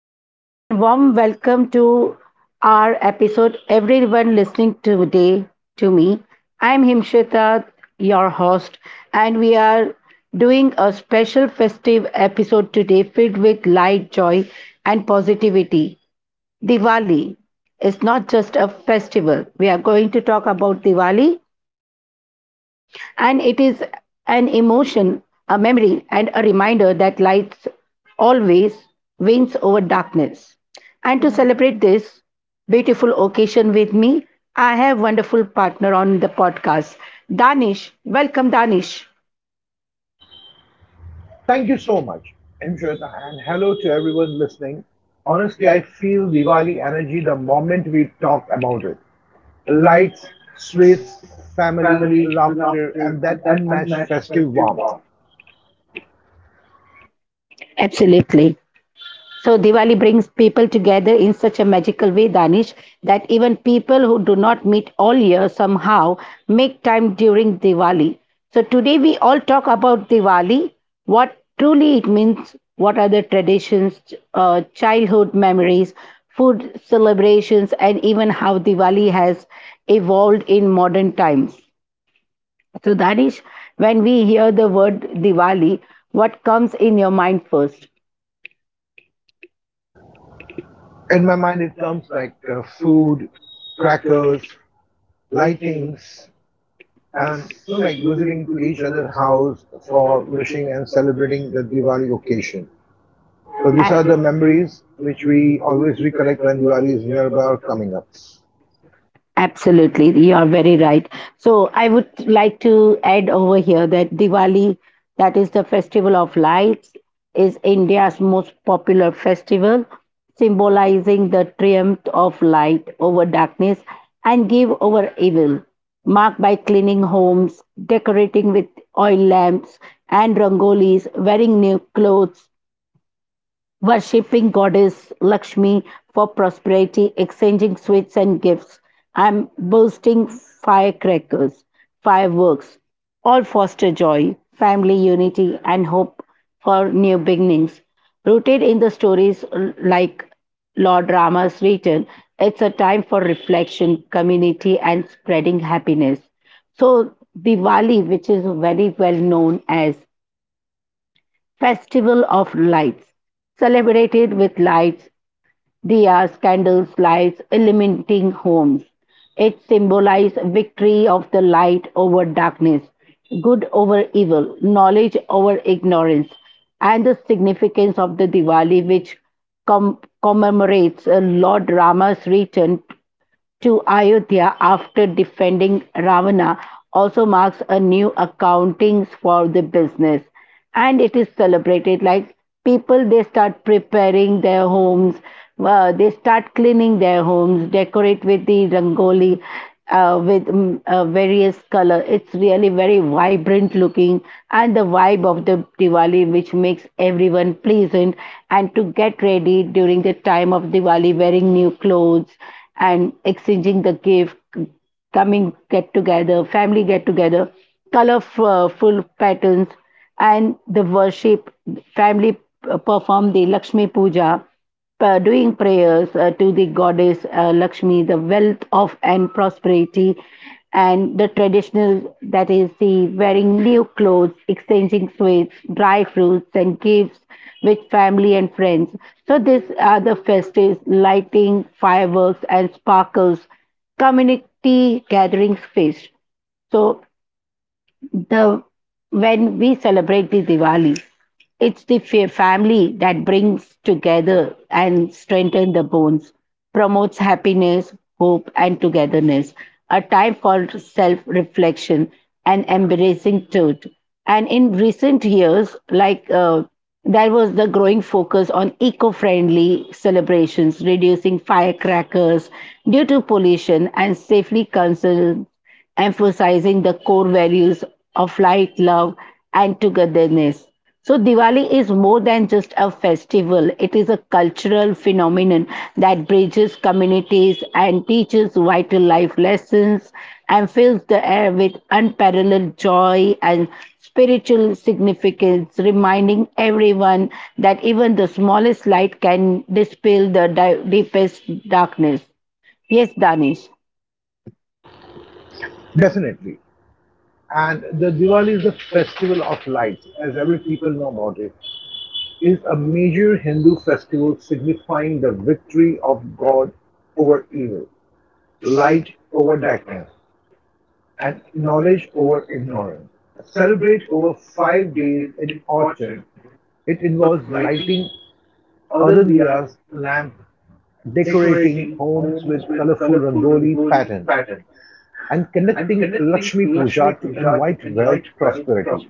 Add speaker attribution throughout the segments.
Speaker 1: everyone, and warm welcome to our episode. Everyone listening today to me, I'm Himshita, your host, and we are doing a special festive episode today filled with light, joy, and positivity. Diwali is not just a festival. We are going to talk about Diwali, and it is an emotion, a memory, and a reminder that light always wins over darkness. And to celebrate this beautiful occasion with me, I have wonderful partner on the podcast, Danish. Welcome, Danish.
Speaker 2: Thank you so much, Imshweta, and hello to everyone listening. Honestly, I feel Diwali energy the moment we talk about it. Lights, sweets, family, laughter, and that unmatched festive warmth.
Speaker 1: Absolutely. So Diwali brings people together in such a magical way, Danish, that even people who do not meet all year somehow make time during Diwali. So today we all talk about Diwali, what truly it means, what are the traditions, childhood memories, food celebrations, and even how Diwali has evolved in modern times. So Danish, when we hear the word Diwali, what comes in your mind first?
Speaker 2: In my mind, it comes like food, crackers, lightings, and like visiting to each other's house for wishing and celebrating the Diwali occasion. So
Speaker 1: A-
Speaker 2: these are the memories which we always recollect when Diwali is nearby or coming up.
Speaker 1: Absolutely, you are very right. So, I would like to add over here that Diwali, that is the festival of lights, is India's most popular festival, symbolizing the triumph of light over darkness and give over evil, marked by cleaning homes, decorating with oil lamps and rangolis, wearing new clothes, worshipping goddess Lakshmi for prosperity, exchanging sweets and gifts. I'm bursting firecrackers, fireworks, all foster joy, family unity, and hope for new beginnings. Rooted in the stories like Lord Rama's return, it's a time for reflection, community, and spreading happiness. So, Diwali, which is very well known as Festival of Lights, celebrated with lights, diyas, candles, lights illuminating homes. It symbolizes victory of the light over darkness, good over evil, knowledge over ignorance, and the significance of the Diwali, which commemorates Lord Rama's return to Ayodhya after defending Ravana, also marks a new accountings for the business, and it is celebrated like people, they start preparing their homes. They start cleaning their homes, decorate with the rangoli with various color. It's really very vibrant looking, and the vibe of the Diwali, which makes everyone pleasant, and to get ready during the time of Diwali, wearing new clothes and exchanging the gift, coming get together, family get together, colorful patterns, and the worship. Family perform the Lakshmi Puja, doing prayers to the goddess Lakshmi, the wealth of and prosperity, and the traditional, that is the wearing new clothes, exchanging sweets, dry fruits, and gifts with family and friends. So these are the festives, lighting, fireworks, and sparkles, community gathering space. So the when we celebrate the Diwali, it's the family that brings together and strengthen the bonds, promotes happiness, hope, and togetherness. A time for self-reflection and embracing truth. And in recent years, there was the growing focus on eco-friendly celebrations, reducing firecrackers due to pollution and safely concerns, emphasizing the core values of light, love, and togetherness. So, Diwali is more than just a festival, it is a cultural phenomenon that bridges communities and teaches vital life lessons and fills the air with unparalleled joy and spiritual significance, reminding everyone that even the smallest light can dispel the deepest darkness. Yes, Danish.
Speaker 2: Definitely. And the Diwali is the festival of lights, as every people know about it, is a major Hindu festival signifying the victory of God over evil, light over darkness, and knowledge over ignorance. Celebrate over 5 days in autumn. It involves lighting other diyas, lamp, decorating homes with colorful rangoli patterns, and connecting Lakshmi Puja to invite wealth prosperity.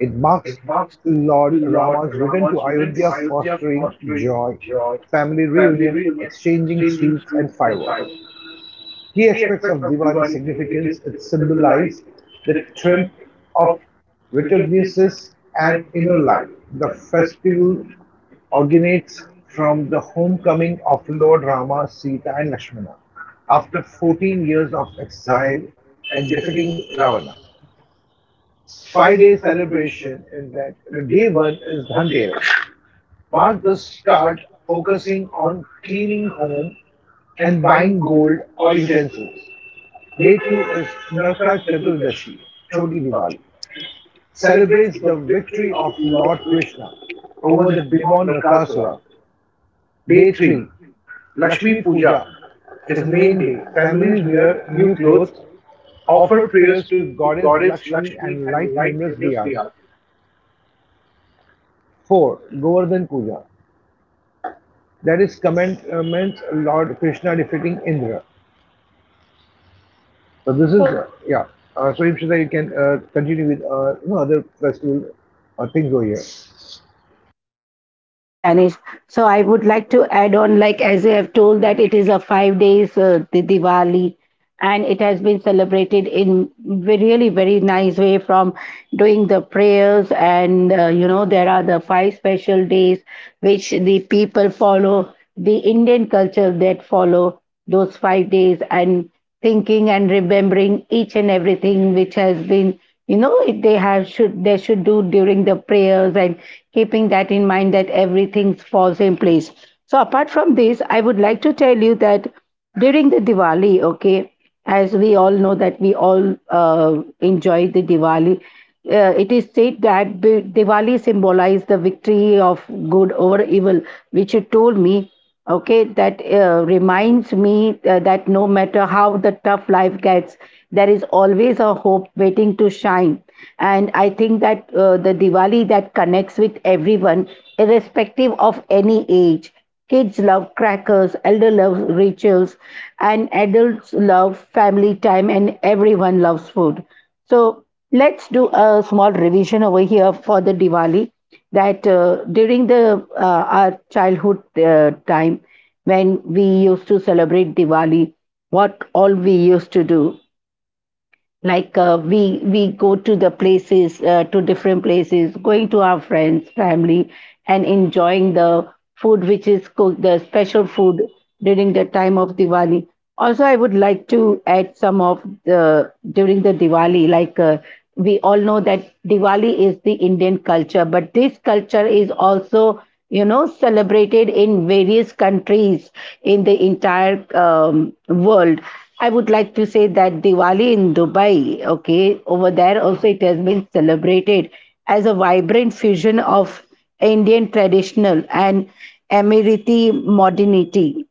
Speaker 2: It marks Lord Rama's return to Ayodhya, fostering joy, family reunion, exchanging sweets and fireworks. Key aspects of Diwali's significance, it symbolizes the triumph of religiousness and inner life. The festival originates from the homecoming of Lord Rama, Sita, and Lakshmana after 14 years of exile and defeating Ravana. 5 day celebration, in that the day one is Dhanteras. Mark the start, focusing on cleaning home and buying gold or utensils. Day to is Narka Chaturdashi, Choti Diwali, celebrates the victory of Lord Krishna over the demon Narkasura. Day 3, Lakshmi Puja, is main day. Families wear new clothes, offer prayers to Goddess Lakshmi, and light numerous diyas. 4. Govardhan Puja, that is commends Lord Krishna defeating Indra. So this is,
Speaker 1: So-
Speaker 2: yeah. So, Imshita, you can
Speaker 1: you
Speaker 2: continue with other festival things over here.
Speaker 1: Yes, Danish. So I would like to add on, like as you have told, that it is a 5 days the Diwali, and it has been celebrated in really very nice way from doing the prayers, and you know, there are the five special days which the people follow, the Indian culture that follow those 5 days, and thinking and remembering each and everything which has been, you know, they should do during the prayers, and keeping that in mind that everything falls in place. So apart from this, I would like to tell you that during the Diwali, okay, as we all know that we all enjoy the Diwali. It is said that Diwali symbolizes the victory of good over evil, which you told me. Okay, that reminds me that no matter how the tough life gets, there is always a hope waiting to shine. And I think that the Diwali that connects with everyone, irrespective of any age. Kids love crackers, elder love rituals, and adults love family time, and everyone loves food. So let's do a small revision over here for the Diwali. That During the our childhood time when we used to celebrate Diwali, what all we used to do, like we go to the places to different places, going to our friends family and enjoying the food which is cooked, the special food during the time of Diwali. Also, I would like to add some of the during the Diwali, we all know that Diwali is the Indian culture, but this culture is also, you know, celebrated in various countries in the entire world. I would like to say that Diwali in Dubai, okay, over there also it has been celebrated as a vibrant fusion of Indian traditional and Emirati modernity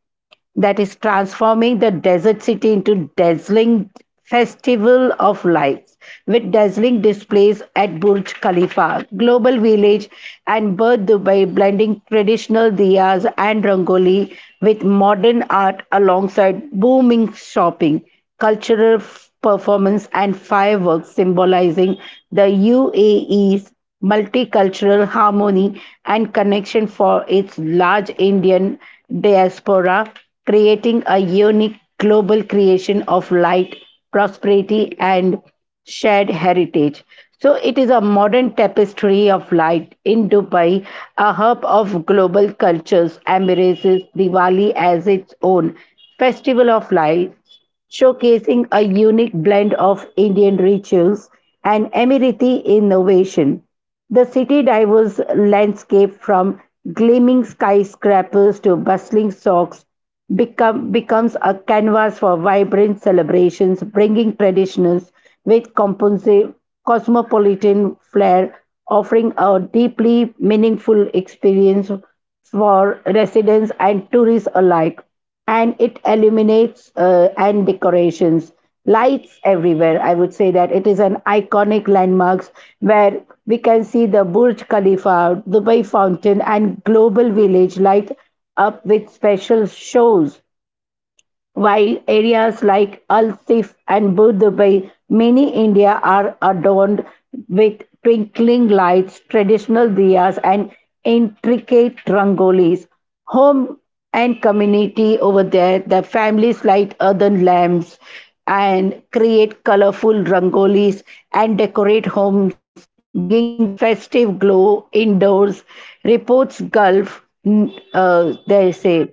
Speaker 1: that is transforming the desert city into dazzling festival of lights with dazzling displays at Burj Khalifa, Global Village and Bird Dubai, blending traditional diyas and rangoli with modern art, alongside booming shopping, cultural performance and fireworks, symbolizing the UAE's multicultural harmony and connection for its large Indian diaspora, creating a unique global creation of light, prosperity, and shared heritage. So, it is a modern tapestry of light in Dubai, a hub of global cultures, embraces Diwali as its own festival of lights, showcasing a unique blend of Indian rituals and Emirati innovation. The city diverse landscape from gleaming skyscrapers to bustling socks becomes a canvas for vibrant celebrations, bringing traditionals with cosmopolitan flair, offering a deeply meaningful experience for residents and tourists alike. And it illuminates and decorations, lights everywhere. I would say that it is an iconic landmarks where we can see the Burj Khalifa, Dubai Fountain and Global Village light up with special shows, while areas like Al Sif and Budh by many India are adorned with twinkling lights, traditional diyas, and intricate rangolis. Home and community over there, the families light earthen lamps and create colorful rangolis and decorate homes, bringing the festive glow indoors. Reports Gulf, they say.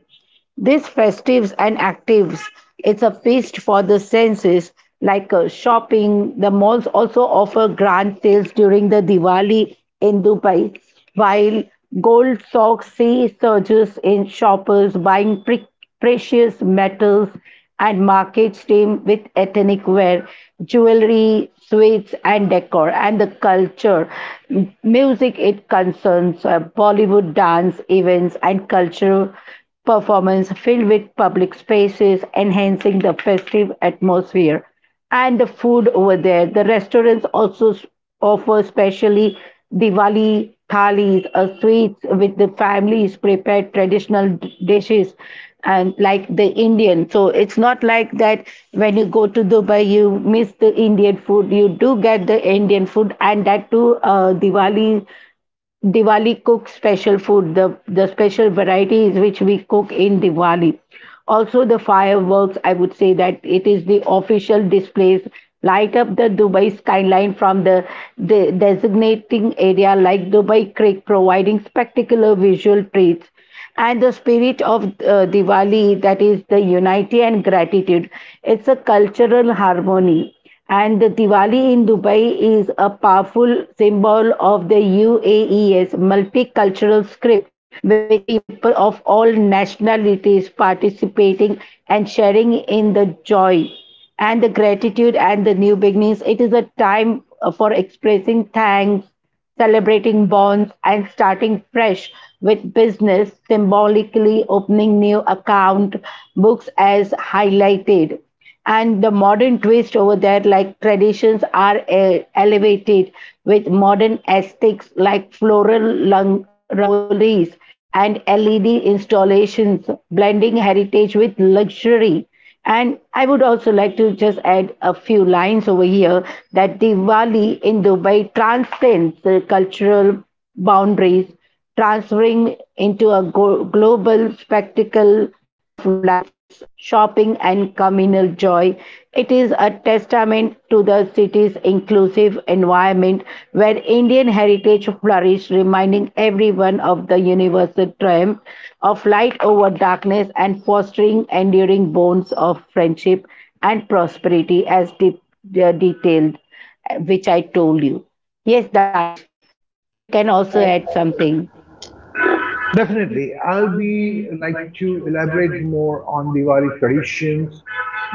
Speaker 1: These festives and actives, it's a feast for the senses, like shopping. The malls also offer grand sales during the Diwali in Dubai, while gold stocks see surges in shoppers buying precious metals, and markets teem with ethnic wear, jewelry, sweets, and decor, and the culture. Music, it concerns Bollywood dance events and cultural performance filled with public spaces, enhancing the festive atmosphere, and the food over there. The restaurants also offer specially Diwali thalis, a sweets, with the families prepared traditional dishes and like the Indian. So it's not like that when you go to Dubai, you miss the Indian food. You do get the Indian food, and that too, Diwali cook special food, the special varieties which we cook in Diwali. Also the fireworks, I would say that it is the official displays light up the Dubai skyline from the designating area like Dubai Creek, providing spectacular visual treats, and the spirit of Diwali, that is the unity and gratitude. It's a cultural harmony. And the Diwali in Dubai is a powerful symbol of the UAE's multicultural script, with people of all nationalities participating and sharing in the joy and the gratitude and the new beginnings. It is a time for expressing thanks, celebrating bonds and starting fresh with business, symbolically opening new account books as highlighted. And the modern twist over there, like traditions are elevated with modern aesthetics like floral rangolis and LED installations, blending heritage with luxury. And I would also like to just add a few lines over here that Diwali in Dubai transcends the cultural boundaries, transferring into a global spectacle of lights, shopping, and communal joy. It is a testament to the city's inclusive environment where Indian heritage flourished, reminding everyone of the universal triumph of light over darkness and fostering enduring bonds of friendship and prosperity, as detailed, which I told you. Yes, Danish, you can also add something.
Speaker 2: Definitely, I'll be like to elaborate more on Diwali traditions,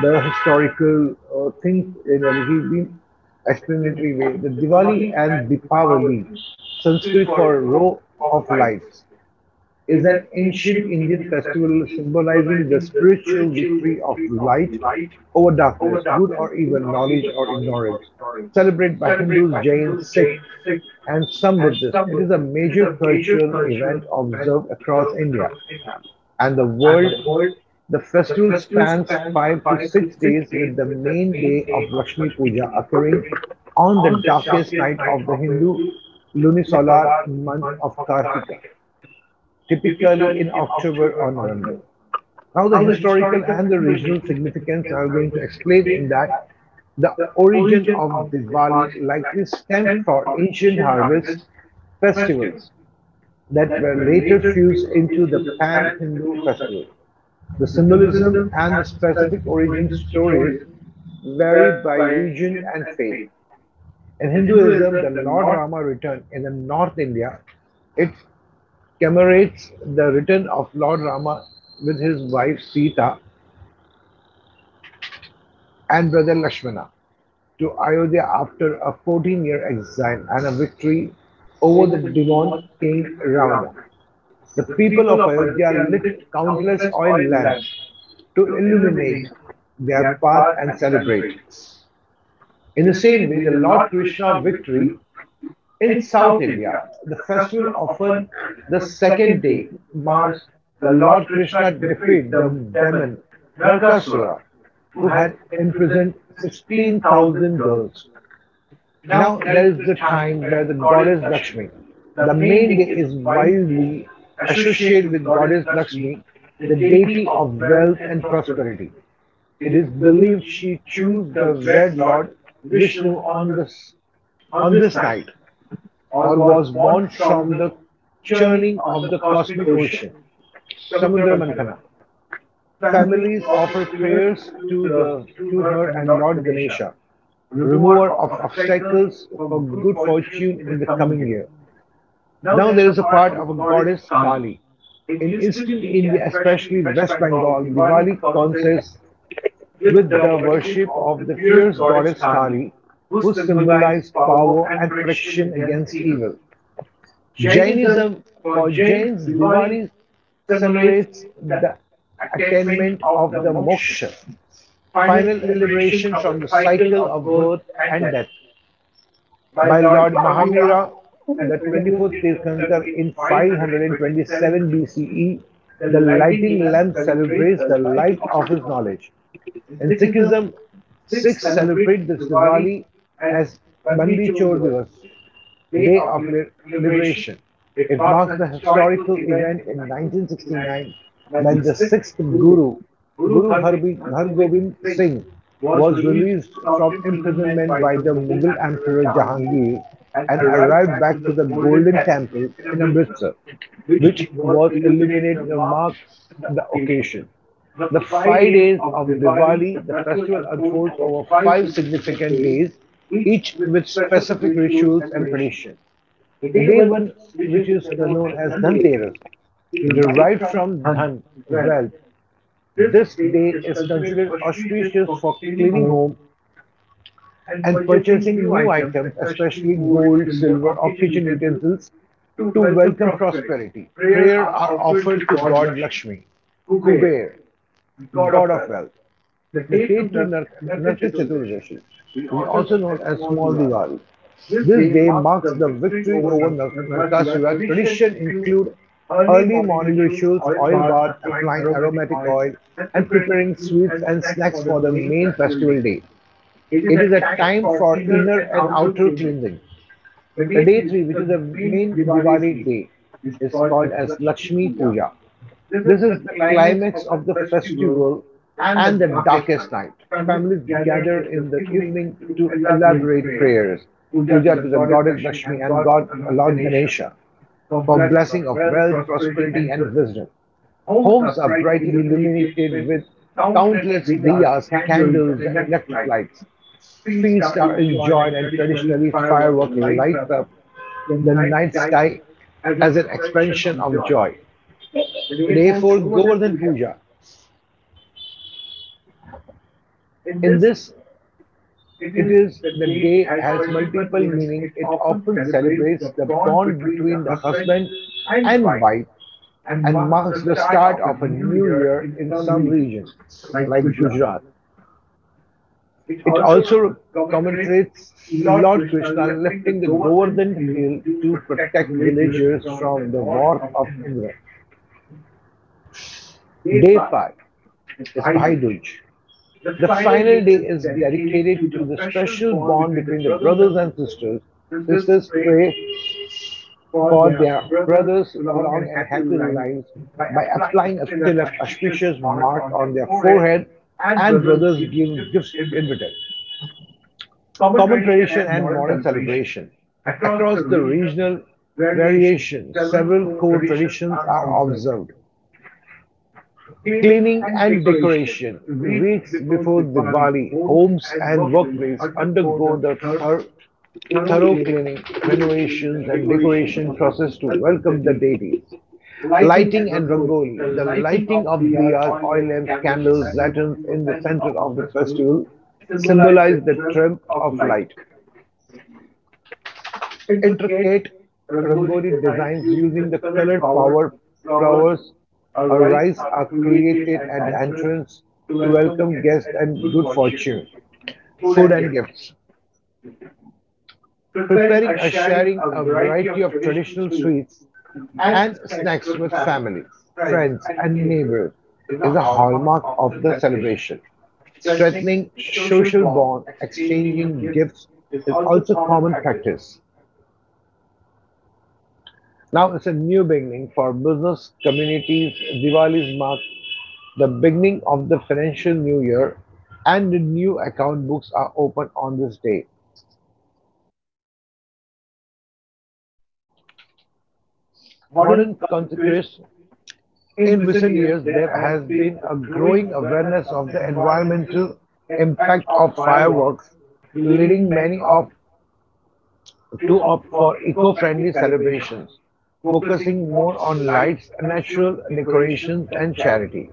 Speaker 2: the historical things in a little bit explanatory way. The Diwali and Dipavali, Sanskrit for row of lights, is an ancient Indian festival symbolizing the spiritual victory of light over darkness, good or evil, knowledge or ignorance, celebrated by Hindus, Jains, Sikhs, and some Buddhists. It is a major cultural event observed across India and the world. The festival spans 5 to 6 days, with the main day of Lakshmi Puja occurring on the darkest night of the Hindu lunisolar month of Kartika, typically in October or November. Now, the historical and the regional significance are going to explain in that the origin of Diwali likely stemmed from ancient harvest festivals that were later fused into the pan Hindu festival. The symbolism and the specific origin stories vary by region and faith. In Hinduism, the Lord Rama returned in the North India. It commemorates the return of Lord Rama with his wife Sita and brother Lakshmana to Ayodhya after a 14-year exile and a victory over the demon king Ravana. The people of Ayodhya lit countless oil lamps to illuminate their path and celebrate. In the same way, the Lord Krishna victory. In South India, the festival often the second day marks the Lord Krishna defeat the demon Narkasura, who had imprisoned 16,000 girls. Now there is the time where the goddess Lakshmi, the main day is widely associated with goddess Lakshmi, the deity of wealth and prosperity. It is believed she chose the red Lord Vishnu on this night or was born from the churning of the cosmic ocean. Samudra Mantana. Families offer prayers to her and Lord Ganesha, remover of obstacles for good fortune in the coming year. Now there is a part of a goddess Kali. In eastern India, especially West Bengal, Diwali consists with the worship of the fierce goddess Kali, who symbolizes power and protection against evil. Jainism. For Jains, Diwali commemorates the attainment of the moksha, final liberation from the cycle of birth and death, by Lord Mahavira, the 24th Tirthankar in 527 BCE. The lighting lamp celebrates the light of his knowledge. In Sikhism, Sikhs celebrate this Diwali as Bandi Chor Divas, Day of Liberation. It marks the historical event in 1969 when the sixth Guru, Hargobind Singh, was released from imprisonment by the Mughal Emperor Jahangir and arrived back to the Golden Temple in Amritsar, which was illuminated to mark the occasion. The 5 days of Diwali, the festival unfolds over 5 significant days, each with specific rituals and tradition. The day one, which is known as Dhanteras, derived from dhan, wealth, this day is considered auspicious for cleaning home and purchasing new items, especially gold, silver, or kitchen utensils, to welcome prosperity. Prayer are offered to God Lakshmi, Kuber, god of wealth. The Narka Chaturdashi, which is also known as Small Diwali. This day marks the victory over Narkasura. Tradition include early morning rituals, oil bath, applying aromatic oil, and preparing sweets and snacks for the main festival day. It is a time for inner and outer cleansing. The day three, which is the main Diwali day, is called as Lakshmi Puja. This is the climax of the festival and the darkest night. Families gather in the evening to elaborate prayers, puja to the goddess Lakshmi and God Lord Ganesha for blessing of wealth, prosperity, and wisdom. Homes are brightly illuminated with countless diyas, candles, and electric lights. Feasts are enjoyed and traditionally fireworks light up the night sky as an expansion of joy. The day 4, Govardhan Puja. In this, it is the day has multiple meaning. It often celebrates the bond between the husband and wife and marks the start of a new year in some regions like Gujarat. It also commemorates Lord Krishna lifting the Govardhan hill to protect villagers from the wrath of Indra. Day 5 is Bhai Dooj. The final day is dedicated to the special bond between the brothers and sisters. Sisters pray for their brothers' long and happy lives by applying a still auspicious mark on their forehead, and brothers give gifts in return. Common tradition and modern celebration. Across the regional variation, several core traditions are observed. Cleaning and decoration. Weeks before Diwali, homes and workplaces undergo the thorough cleaning, renovations, and decoration process to welcome the deities. Lighting and rangoli. The lighting of diyas, oil lamps, candles, lanterns in the center of the festival symbolize the triumph of light. Intricate rangoli designs using the colored power, flowers, or rice are created at the entrance to welcome guests and good fortune. Food and gifts. Preparing or sharing a variety of traditional sweets and snacks with family, friends, and neighbors is a hallmark of the celebration. Strengthening social bond, exchanging gifts is also common practice. Now it's a new beginning for business communities. Diwali's mark the beginning of the financial new year, and the new account books are open on this day. Modern consequence, in recent years, there has been a growing awareness of the environmental impact of fireworks, leading many of to opt for eco-friendly celebrations, focusing more on lights, natural decorations, and charity.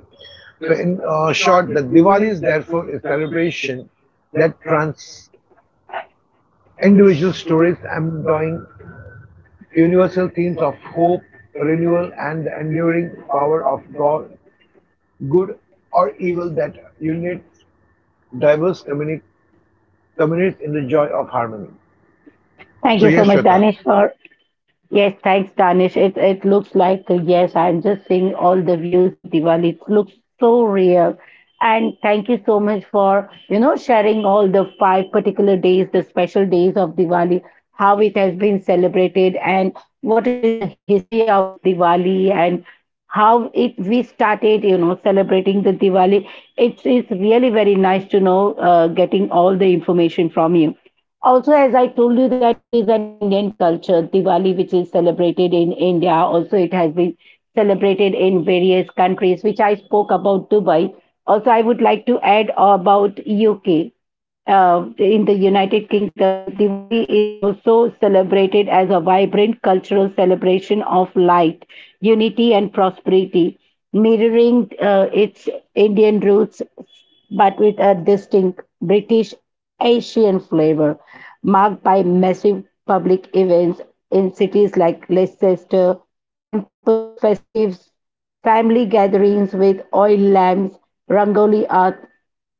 Speaker 2: So, in short, the Diwali is therefore a celebration that trans individual stories embodying universal themes of hope, renewal, and the enduring power of God, good or evil that unites diverse communities in the joy of harmony.
Speaker 1: Thank
Speaker 2: So,
Speaker 1: you so
Speaker 2: yes,
Speaker 1: much,
Speaker 2: Shweta,
Speaker 1: Danish, for. Yes, thanks, Danish. It looks like, yes, I'm just seeing all the views of Diwali. It looks so real. And thank you so much for, you know, sharing all the five particular days, the special days of Diwali, how it has been celebrated, and what is the history of Diwali and how it we started, you know, celebrating the Diwali. It's really very nice to know, getting all the information from you. Also, as I told you that it is an Indian culture, Diwali, which is celebrated in India. Also, it has been celebrated in various countries, which I spoke about Dubai. Also, I would like to add about UK. In the United Kingdom, the Diwali is also celebrated as a vibrant cultural celebration of light, unity, and prosperity, mirroring its Indian roots but with a distinct British Asian flavor, marked by massive public events in cities like Leicester, temple festives, family gatherings with oil lamps, rangoli art,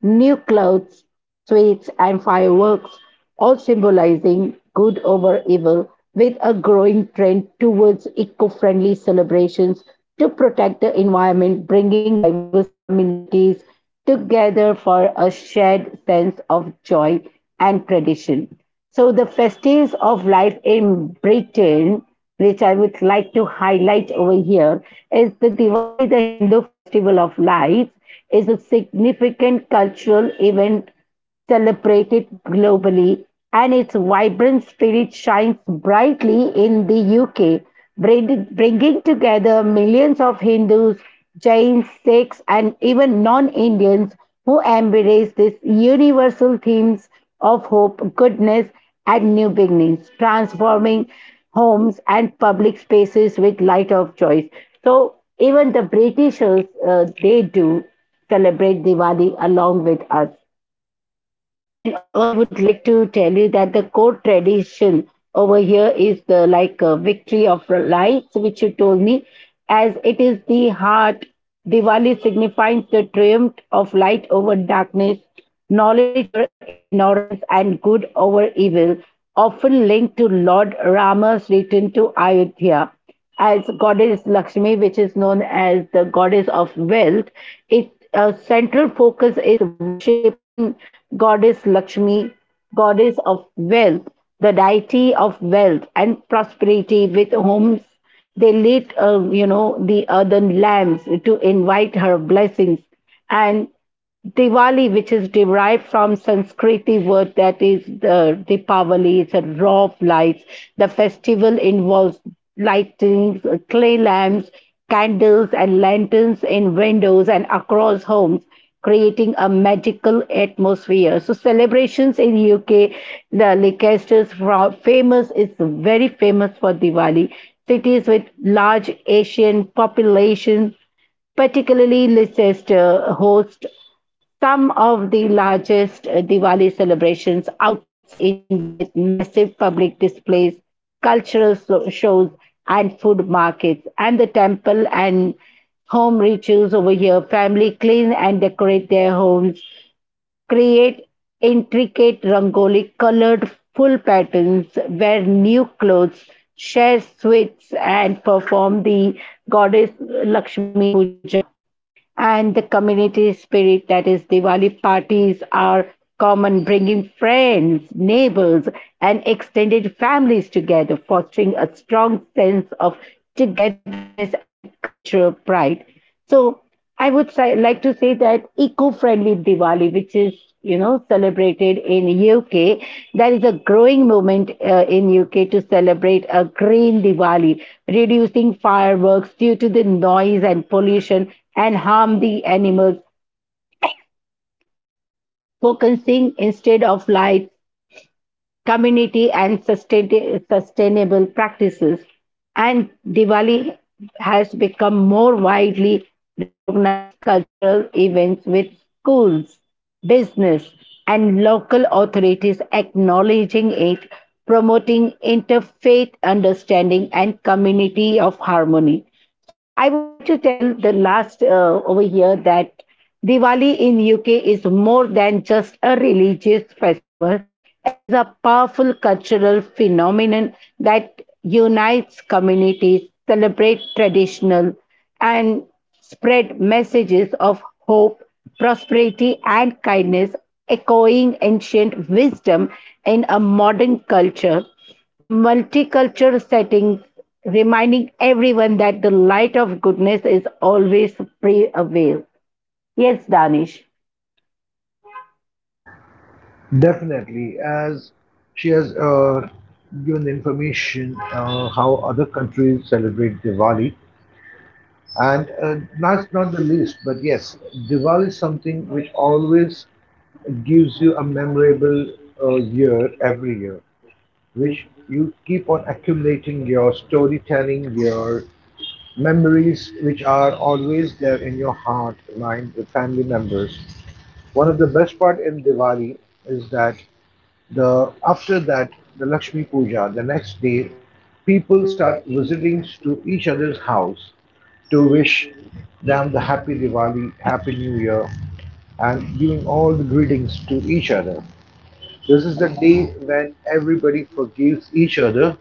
Speaker 1: new clothes, sweets, and fireworks, all symbolizing good over evil, with a growing trend towards eco friendly celebrations to protect the environment, bringing diverse communities together for a shared sense of joy and tradition. So, the festivities of life in Britain, which I would like to highlight over here, is the Diwali, the Hindu festival of lights, is a significant cultural event celebrated globally, and its vibrant spirit shines brightly in the UK, bringing together millions of Hindus, Jains, Sikhs, and even non Indians who embrace these universal themes of hope, goodness, and new beginnings, transforming homes and public spaces with light of choice. So, even the Britishers, they do celebrate Diwali along with us. And also, I would like to tell you that the core tradition over here is the like victory of lights, which you told me, as it is the heart. Diwali signifies the triumph of light over darkness, knowledge over ignorance, and good over evil, often linked to Lord Rama's return to Ayodhya as goddess Lakshmi, which is known as the goddess of wealth. Its central focus is worshipping goddess Lakshmi, goddess of wealth, the deity of wealth and prosperity, with homes they lit, the earthen lamps to invite her blessings. And Diwali, which is derived from Sanskriti word that is the Deepavali, it's a raw of lights. The festival involves lightings, clay lamps, candles, and lanterns in windows and across homes, creating a magical atmosphere. So, celebrations in UK, the Leicester's fro- famous is very famous for Diwali. Cities with large Asian population, particularly Leicester, host some of the largest Diwali celebrations outside India with massive public displays, cultural shows, and food markets. And the temple and home rituals over here, family clean and decorate their homes, create intricate rangoli colored full patterns, wear new clothes, share sweets, and perform the goddess Lakshmi Puja. And the community spirit, that is, Diwali parties are common, bringing friends, neighbors, and extended families together, fostering a strong sense of togetherness and cultural pride. So, I would say, like to say that eco-friendly Diwali, which is celebrated in UK, there is a growing movement in UK to celebrate a green Diwali, reducing fireworks due to the noise and pollution and harm the animals, focusing instead of light, community and sustainable practices. And Diwali has become more widely recognized cultural events with schools, business, and local authorities acknowledging it, promoting interfaith understanding and community of harmony. So, I would like to tell the last over here that Diwali in UK is more than just a religious festival. It is a powerful cultural phenomenon that unites communities, celebrates traditional and spread messages of hope, prosperity and kindness, echoing ancient wisdom in a modern culture. Multicultural settings, reminding everyone that the light of goodness is always pre available. Yes, Danish.
Speaker 2: definitely, as she has given the information how other countries celebrate Diwali. And last not the least, but yes, Diwali is something which always gives you a memorable year every year, which you keep on accumulating your storytelling, your memories, which are always there in your heart, lined with family members. One of the best part in Diwali is that the after that the Lakshmi Puja, the next day, people start visiting to each other's house to wish them the happy Diwali, happy New Year, and giving all the greetings to each other. This is the day when everybody forgives each other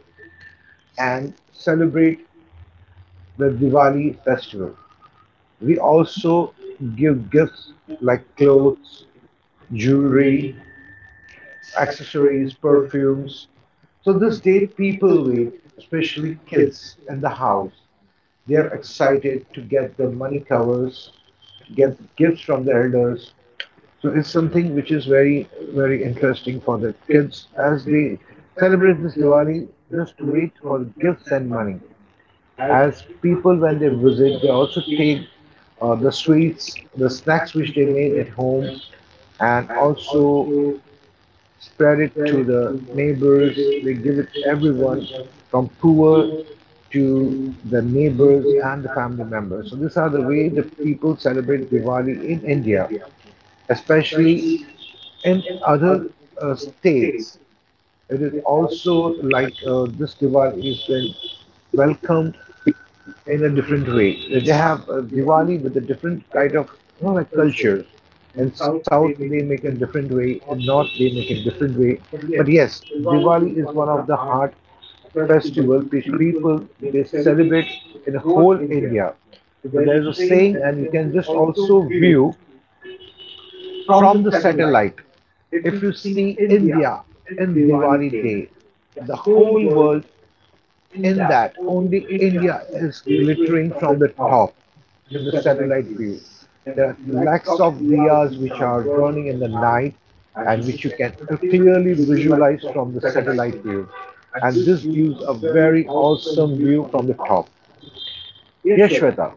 Speaker 2: and celebrate the Diwali festival. We also give gifts like clothes, jewelry, accessories, perfumes. So this day people wait, especially kids in the house. They are excited to get the money covers, to get gifts from the elders. So it's something which is very, very interesting for the kids as they celebrate this Diwali just to wait for gifts and money. As people, when they visit, they also take the sweets, the snacks which they made at home, and also spread it to the neighbors. They give it to everyone from poor to the neighbors and the family members. So these are the way the people celebrate Diwali in India, especially in other states, it is also like this Diwali is then welcomed in a different way. They have a Diwali with a different kind of like culture. In South, they make a different way. In North, they make a different way. But yes, Diwali is one of the heart festival which people they celebrate in whole India. So there's a saying, and you can just also view from the satellite, if you see India in Diwali day, the whole world in that, only India is glittering from the top in the satellite view. There are lakhs of diyas which are burning in the night and which you can clearly visualize from the satellite view. And this gives a very awesome view from the top. Yes, Shweta.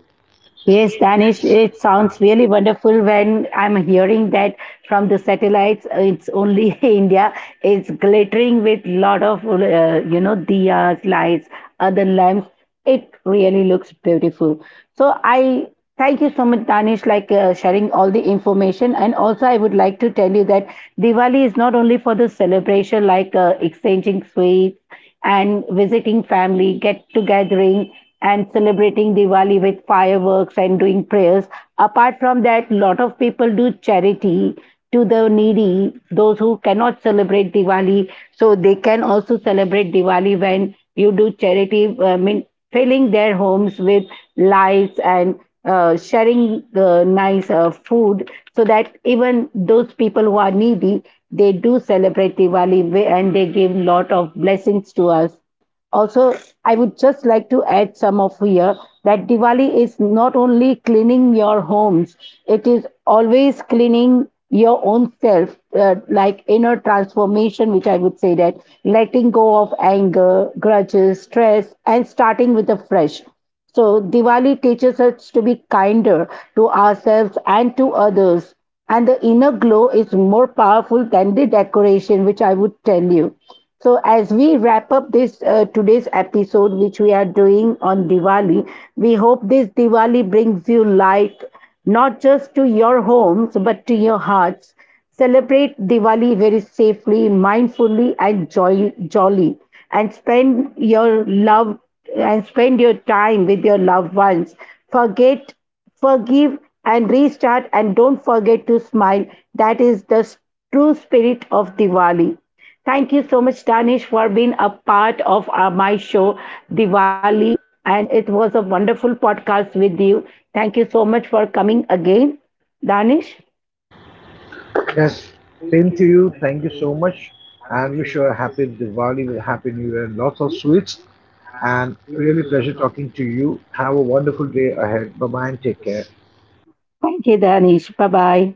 Speaker 1: Yes, Danish, it sounds really wonderful when I'm hearing that from the satellites. It's only India. It's glittering with lot of, diyas, lights, other lamps. It really looks beautiful. So I thank you so much, Danish, like sharing all the information. And also, I would like to tell you that Diwali is not only for the celebration, like exchanging sweets and visiting family, get-togethering and celebrating Diwali with fireworks and doing prayers. Apart from that, lot of people do charity to the needy, those who cannot celebrate Diwali. So they can also celebrate Diwali when you do charity, I mean, filling their homes with lights and sharing nice food so that even those people who are needy, they do celebrate Diwali and they give lot of blessings to us. Also, I would just like to add some of here that Diwali is not only cleaning your homes, it is always cleaning your own self, like inner transformation, which I would say that letting go of anger, grudges, stress, and starting with a fresh. So, Diwali teaches us to be kinder to ourselves and to others, and the inner glow is more powerful than the decoration, which I would tell you. So, as we wrap up this today's episode, which we are doing on Diwali, we hope this Diwali brings you light, not just to your homes but to your hearts. Celebrate Diwali very safely, mindfully and jolly, and spend your love and spend your time with your loved ones. Forget, forgive and restart, and don't forget to smile. That is the true spirit of Diwali. Thank you so much, Danish, for being a part of my show, Diwali, and it was a wonderful podcast with you. Thank you so much for coming again, Danish.
Speaker 2: Yes, same to you. Thank you so much. And wish you a happy Diwali with a happy new year and lots of sweets. And really pleasure talking to you. Have a wonderful day ahead. Bye bye and take care.
Speaker 1: Thank you, Danish. Bye bye.